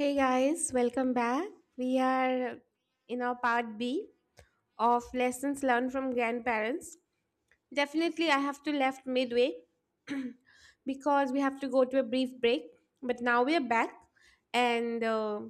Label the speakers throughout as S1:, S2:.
S1: Hey guys, welcome back. We are in our part B of lessons learned from grandparents. Definitely, I have to left midway because we have to go to a brief break. But now we are back, and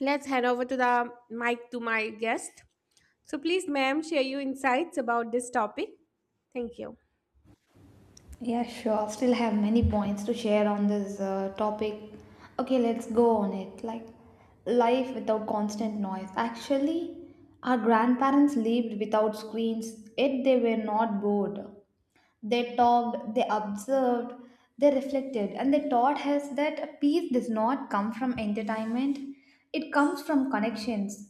S1: let's hand over to the mic to my guest. So please, ma'am, share your insights about this topic. Thank you.
S2: Yeah, sure. Still have many points to share on this topic. Okay, let's go on it. Like life without constant noise. Actually, our grandparents lived without screens, yet they were not bored. They talked, they observed, they reflected, and they taught us that peace does not come from entertainment, it comes from connections.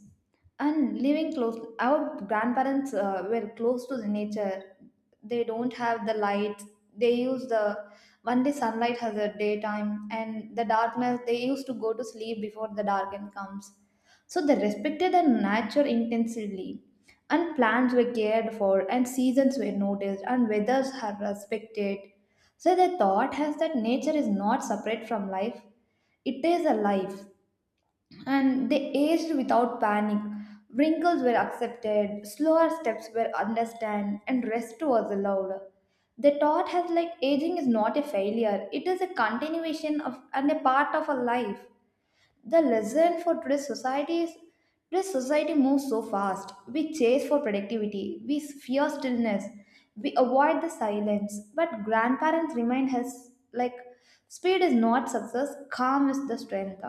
S2: And living close, our grandparents were close to the nature. They don't have the lights. They use the one day sunlight has a daytime, and the darkness they used to go to sleep before the darken comes. So they respected the nature intensively, and plants were cared for, and seasons were noticed, and weathers are respected. So the thought has that nature is not separate from life, it is a life. And they aged without panic. Wrinkles were accepted, slower steps were understood, and rest was allowed. The thought has like aging is not a failure, it is a continuation of and a part of a life. The lesson for today's society is today's society moves so fast. We chase for productivity, we fear stillness, we avoid the silence. But grandparents remind us like speed is not success, calm is the strength.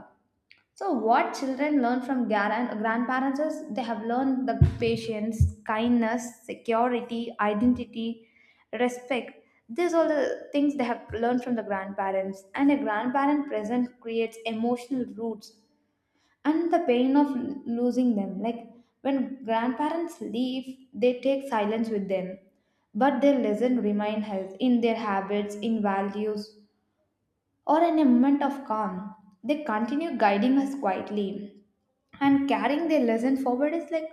S2: So what children learn from grandparents is they have learned the patience, kindness, security, identity, respect. These all the things they have learned from the grandparents. And a grandparent present creates emotional roots and the pain of losing them. Like when grandparents leave, they take silence with them, but their lesson remain health in their habits, in values, or in a moment of calm. They continue guiding us quietly, and carrying their lesson forward is like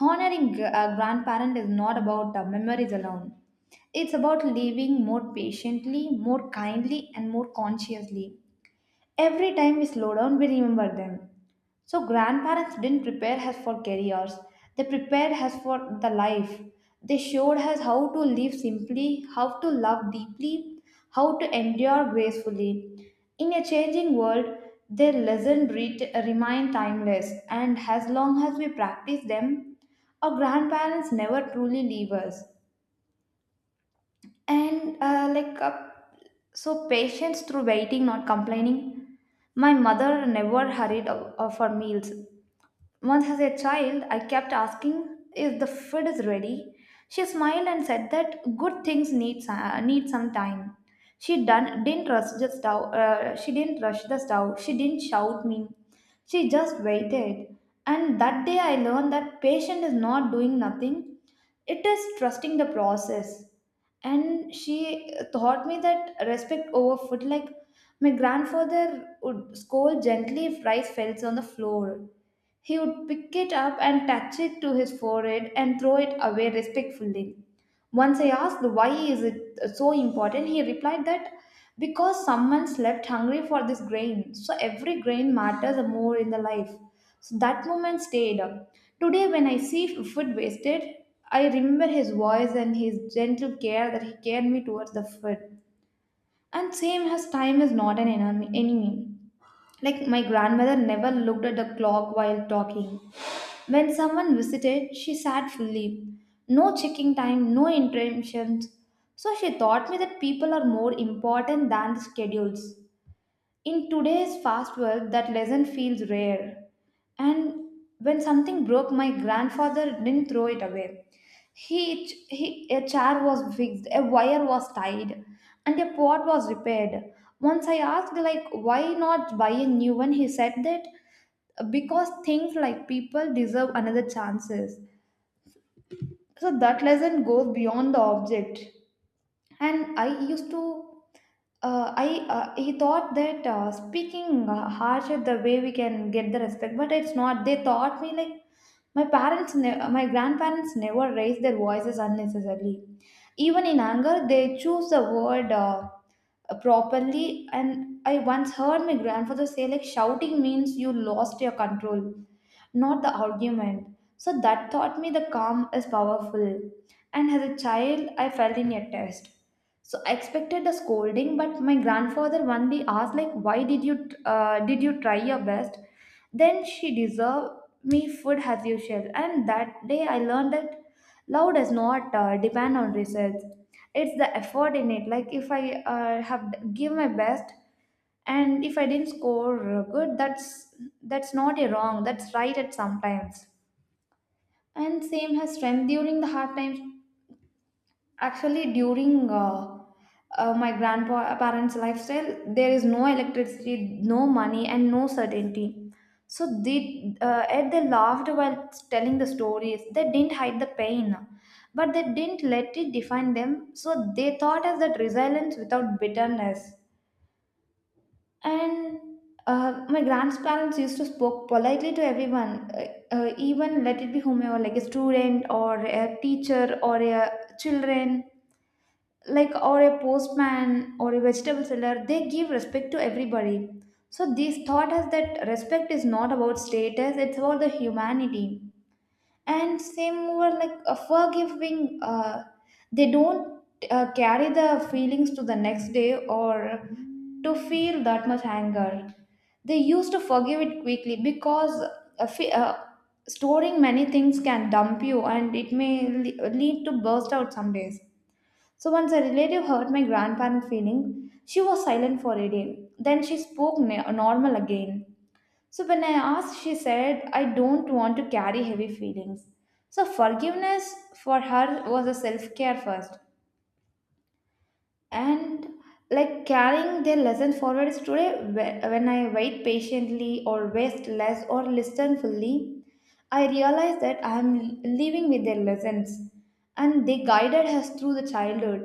S2: honoring a grandparent is not about the memories alone. It's about living more patiently, more kindly, and more consciously. Every time we slow down, we remember them. So grandparents didn't prepare us for careers. They prepared us for the life. They showed us how to live simply, how to love deeply, how to endure gracefully. In a changing world, their lessons remain timeless, and as long as we practice them, our grandparents never truly leave us. And uh, like, uh, so patience through waiting, not complaining. My mother never hurried for meals. Once as a child, I kept asking if the food is ready. She smiled and said that good things need need some time. Didn't rush the stove. She didn't rush the stove. She didn't shout me. She just waited. And that day, I learned that patient is not doing nothing. It is trusting the process. And she taught me that respect over food. Like my grandfather would scold gently if rice fell on the floor he would pick it up and touch it to his forehead and throw it away respectfully. Once I asked why is it so important, he replied that because someone slept hungry for this grain, so every grain matters more in the life. So that moment stayed. Today, when I see food wasted, I remember his voice and his gentle care that he cared me towards the food. And same as time is not an enemy. Like my grandmother never looked at the clock while talking. When someone visited, she sat fully. No checking time, no interruptions. So she taught me that people are more important than the schedules. In today's fast world, that lesson feels rare. And when something broke, my grandfather didn't throw it away. A chair was fixed, a wire was tied, and a pot was repaired. Once I asked, like, why not buy a new one, he said that because things like people deserve another chances. So that lesson goes beyond the object and I used to I he thought that speaking harsh is the way we can get the respect, but it's not. They taught me like my grandparents never raised their voices unnecessarily. Even in anger, they choose the word properly. And I once heard my grandfather say like shouting means you lost your control, not the argument. So that taught me the calm is powerful. And as a child, I fell in a test. So I expected a scolding, but my grandfather one day asked, like, why did you try your best? Then she deserved me food as usual. And that day I learned that love does not depend on results. It's the effort in it. Like if I have give my best, and if I didn't score good, that's not a wrong. That's right at sometimes. And same has strength during the hard times. Actually, during my grandparents' lifestyle, there is no electricity, no money, and no certainty. So and they laughed while telling the stories. They didn't hide the pain, but they didn't let it define them. So they thought as that resilience without bitterness. And My grandparents used to spoke politely to everyone, even let it be whomever, like a student or a teacher or a children like, or a postman or a vegetable seller. They give respect to everybody. So this thought has that respect is not about status, it's about the humanity. And same over like a forgiving, they don't carry the feelings to the next day or to feel that much anger. They used to forgive it quickly because a fe- uh, storing many things can dump you and it may lead to burst out some days. So once a relative hurt my grandparent feeling, she was silent for a day. Then she spoke normal again. So when I asked, she said, I don't want to carry heavy feelings. So forgiveness for her was a self care first. And like carrying their lesson forward is today when I wait patiently or waste less or listen fully, I realize that I am living with their lessons and they guided us through the childhood.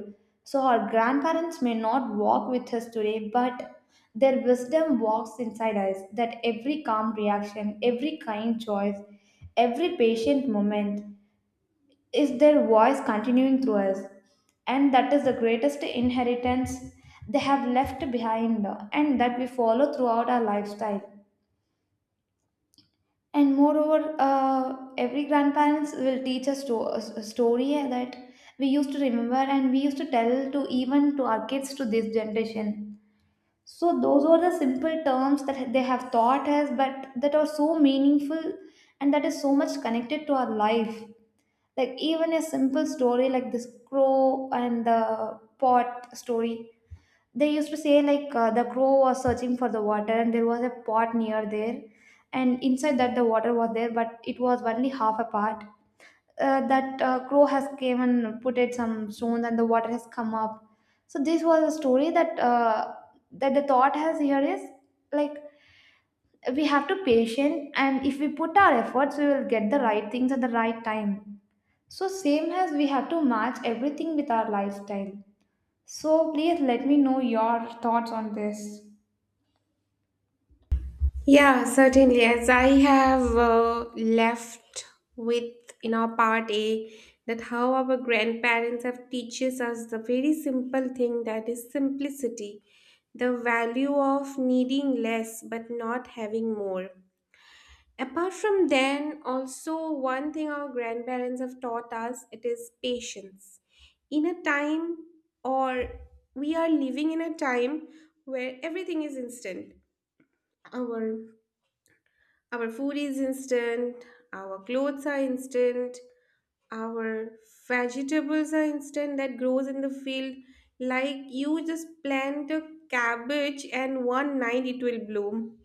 S2: So our grandparents may not walk with us today, but their wisdom walks inside us, that every calm reaction, every kind choice, every patient moment is their voice continuing through us. And that is the greatest inheritance they have left behind, and that we follow throughout our lifestyle. And moreover, every grandparents will teach us to a story that we used to remember and we used to tell to even to our kids to this generation. So those were the simple terms that they have taught us, but that are so meaningful and that is so much connected to our life. Like even a simple story like this crow and the pot story, they used to say like, the crow was searching for the water and there was a pot near there, and inside that the water was there, but it was only half a part. That Crow has came and put it some stones and the water has come up. So this was a story that the thought has here is like we have to patient, and if we put our efforts we will get the right things at the right time. So, same as we have to match everything with our lifestyle. So, please let me know your thoughts on this.
S1: Yeah, certainly. As I have left with in our part A, that how our grandparents have teaches us the very simple thing that is simplicity, the value of needing less but not having more. Apart from then, also one thing our grandparents have taught us it is patience. In a time or we are living in a time where everything is instant. Our our food is instant, our clothes are instant, our vegetables are instant that grows in the field. Like you just plant a cabbage and one night it will bloom.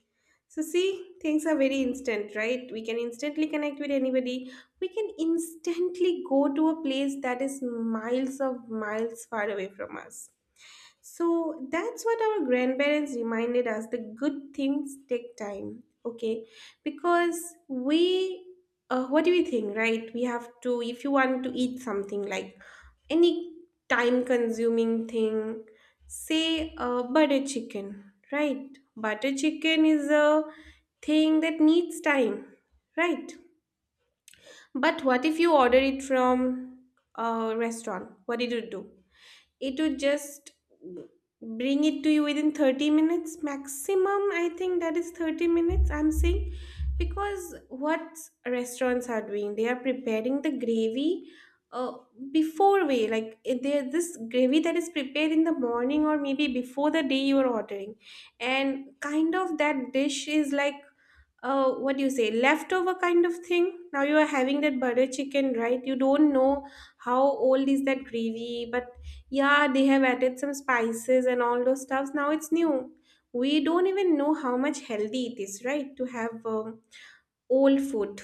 S1: So see, things are very instant, right? We can instantly connect with anybody. We can instantly go to a place that is miles of miles far away from us. So that's what our grandparents reminded us the good things take time, okay? Because we, what do we think, right? We have to, if you want to eat something like any time consuming thing, say butter chicken, right? Butter chicken is a thing that needs time, right? But what if you order it from a restaurant? What did you do? It would just bring it to you within 30 minutes maximum. I think that is 30 minutes I'm saying because what restaurants are doing, they are preparing the gravy uh, before way, they this gravy that is prepared in the morning or maybe before the day you are ordering, and kind of that dish is like what do you say, leftover kind of thing. Now you are having that butter chicken, right? You don't know how old is that gravy, but yeah, they have added some spices and all those stuffs. Now it's new. We don't even know how much healthy it is, right? To have old food.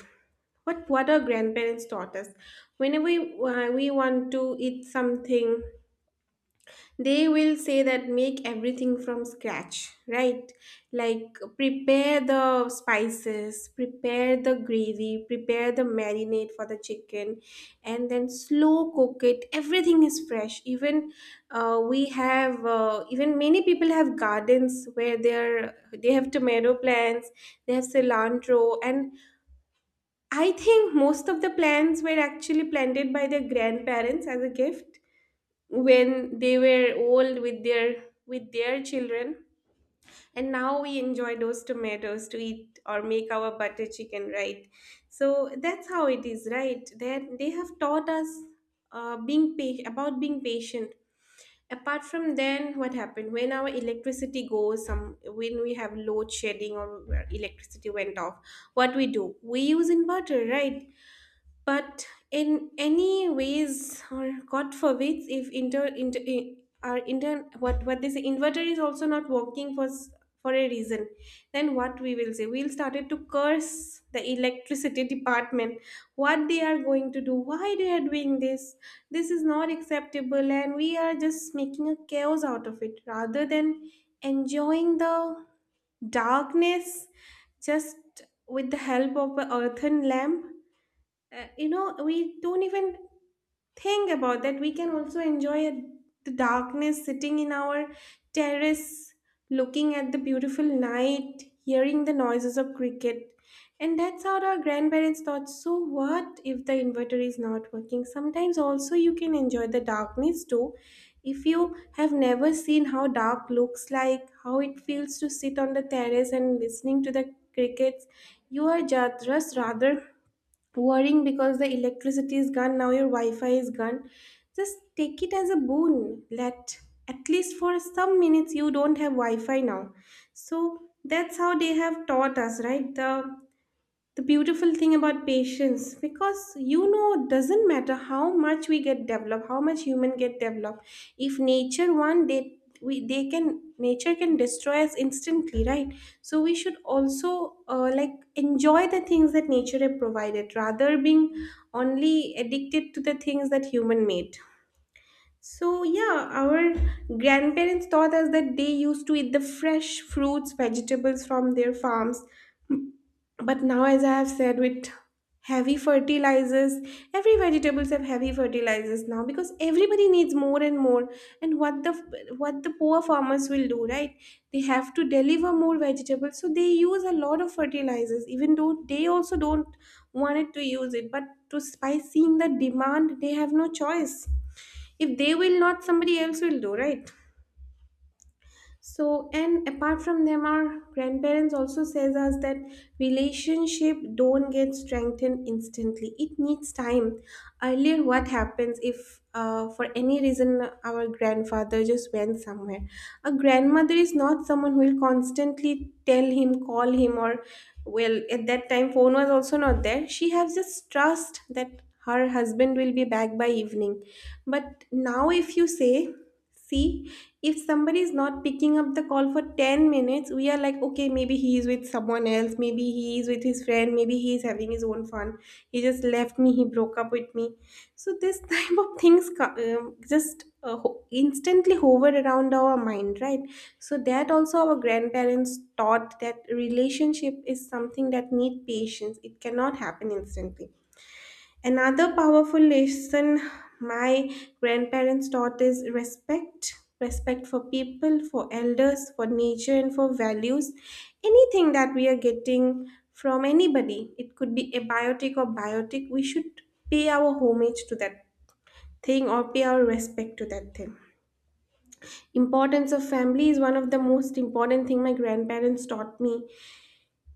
S1: What our grandparents taught us. Whenever we want to eat something, they will say that make everything from scratch, right? Like prepare the spices, prepare the gravy, prepare the marinade for the chicken, and then slow cook it. Everything is fresh. Even we have even many people have gardens where they have tomato plants, they have cilantro, and I think most of the plants were actually planted by their grandparents as a gift when they were old with their children. And now we enjoy those tomatoes to eat or make our butter chicken, right? So that's how it is, right? That they have taught us being patient about being patient. Apart from then, what happened when our electricity goes some when we have load shedding or where electricity went off, what we do, we use inverter, right? But in any ways, or God forbids, if inter, inter I- our inter what they say inverter is also not working for for a reason, then what we will say, we'll started to curse the electricity department, what they are going to do, why they are doing this, this is not acceptable, and we are just making a chaos out of it rather than enjoying the darkness just with the help of a earthen lamp. You know, we don't even think about that we can also enjoy the darkness sitting in our terrace, looking at the beautiful night, hearing the noises of cricket. And that's how our grandparents thought, so what if the inverter is not working sometimes, also you can enjoy the darkness too. If you have never seen how dark looks like, how it feels to sit on the terrace and listening to the crickets, you are just rather worrying because the electricity is gone, now your wi-fi is gone. Just take it as a boon, let at least for some minutes you don't have wi-fi now. So that's how they have taught us, right? The beautiful thing about patience, because you know it doesn't matter how much we get developed, how much human get developed, if nature one day we they can nature can destroy us instantly, right? So we should also like enjoy the things that nature have provided rather being only addicted to the things that human made. So yeah, our grandparents taught us that they used to eat the fresh fruits vegetables from their farms, but now as I have said, with heavy fertilizers, every vegetables have heavy fertilizers now because everybody needs more and more. And what the poor farmers will do, right? They have to deliver more vegetables, so they use a lot of fertilizers, even though they also don't wanted to use it, but to by seeing the demand, they have no choice. If they will not, somebody else will do, right? So, and apart from them, our grandparents also says us that relationship don't get strengthened instantly, it needs time. Earlier what happens, if for any reason our grandfather just went somewhere, a grandmother is not someone who will constantly tell him, call him, or well at that time phone was also not there, she has just trust that her husband will be back by evening. But now if you say, see, if somebody is not picking up the call for 10 minutes, we are like, okay, maybe he is with someone else, maybe he is with his friend, maybe he is having his own fun. He just left me, he broke up with me. So this type of things instantly hover around our mind, right? So that also our grandparents taught that relationship is something that need patience, it cannot happen instantly. Another powerful lesson my grandparents taught is respect, respect for people, for elders, for nature, and for values. Anything that we are getting from anybody, it could be abiotic or biotic, we should pay our homage to that thing or pay our respect to that thing. Importance of family is one of the most important thing my grandparents taught me.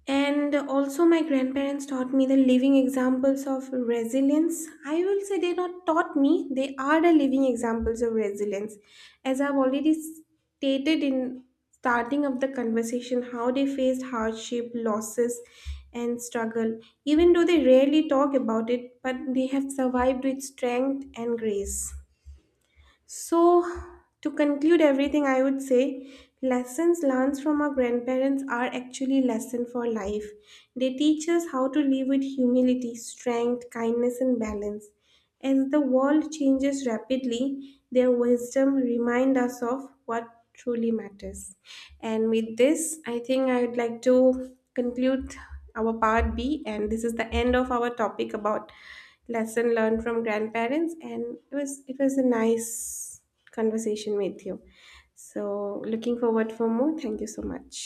S1: And also, my grandparents taught me the living examples of resilience. I will say they not taught me, they are the living examples of resilience. As I've already stated in starting of the conversation, how they faced hardship, losses, and struggle. Even though they rarely talk about it, but they have survived with strength and grace. So, to conclude everything, I would say lessons learned from our grandparents are actually lesson for life. They teach us how to live with humility, strength, kindness, and balance. As the world changes rapidly, their wisdom remind us of what truly matters. And with this, I think I would like to conclude our part B, and this is the end of our topic about lesson learned from grandparents, and it was a nice conversation with you. So looking forward for more. Thank you so much.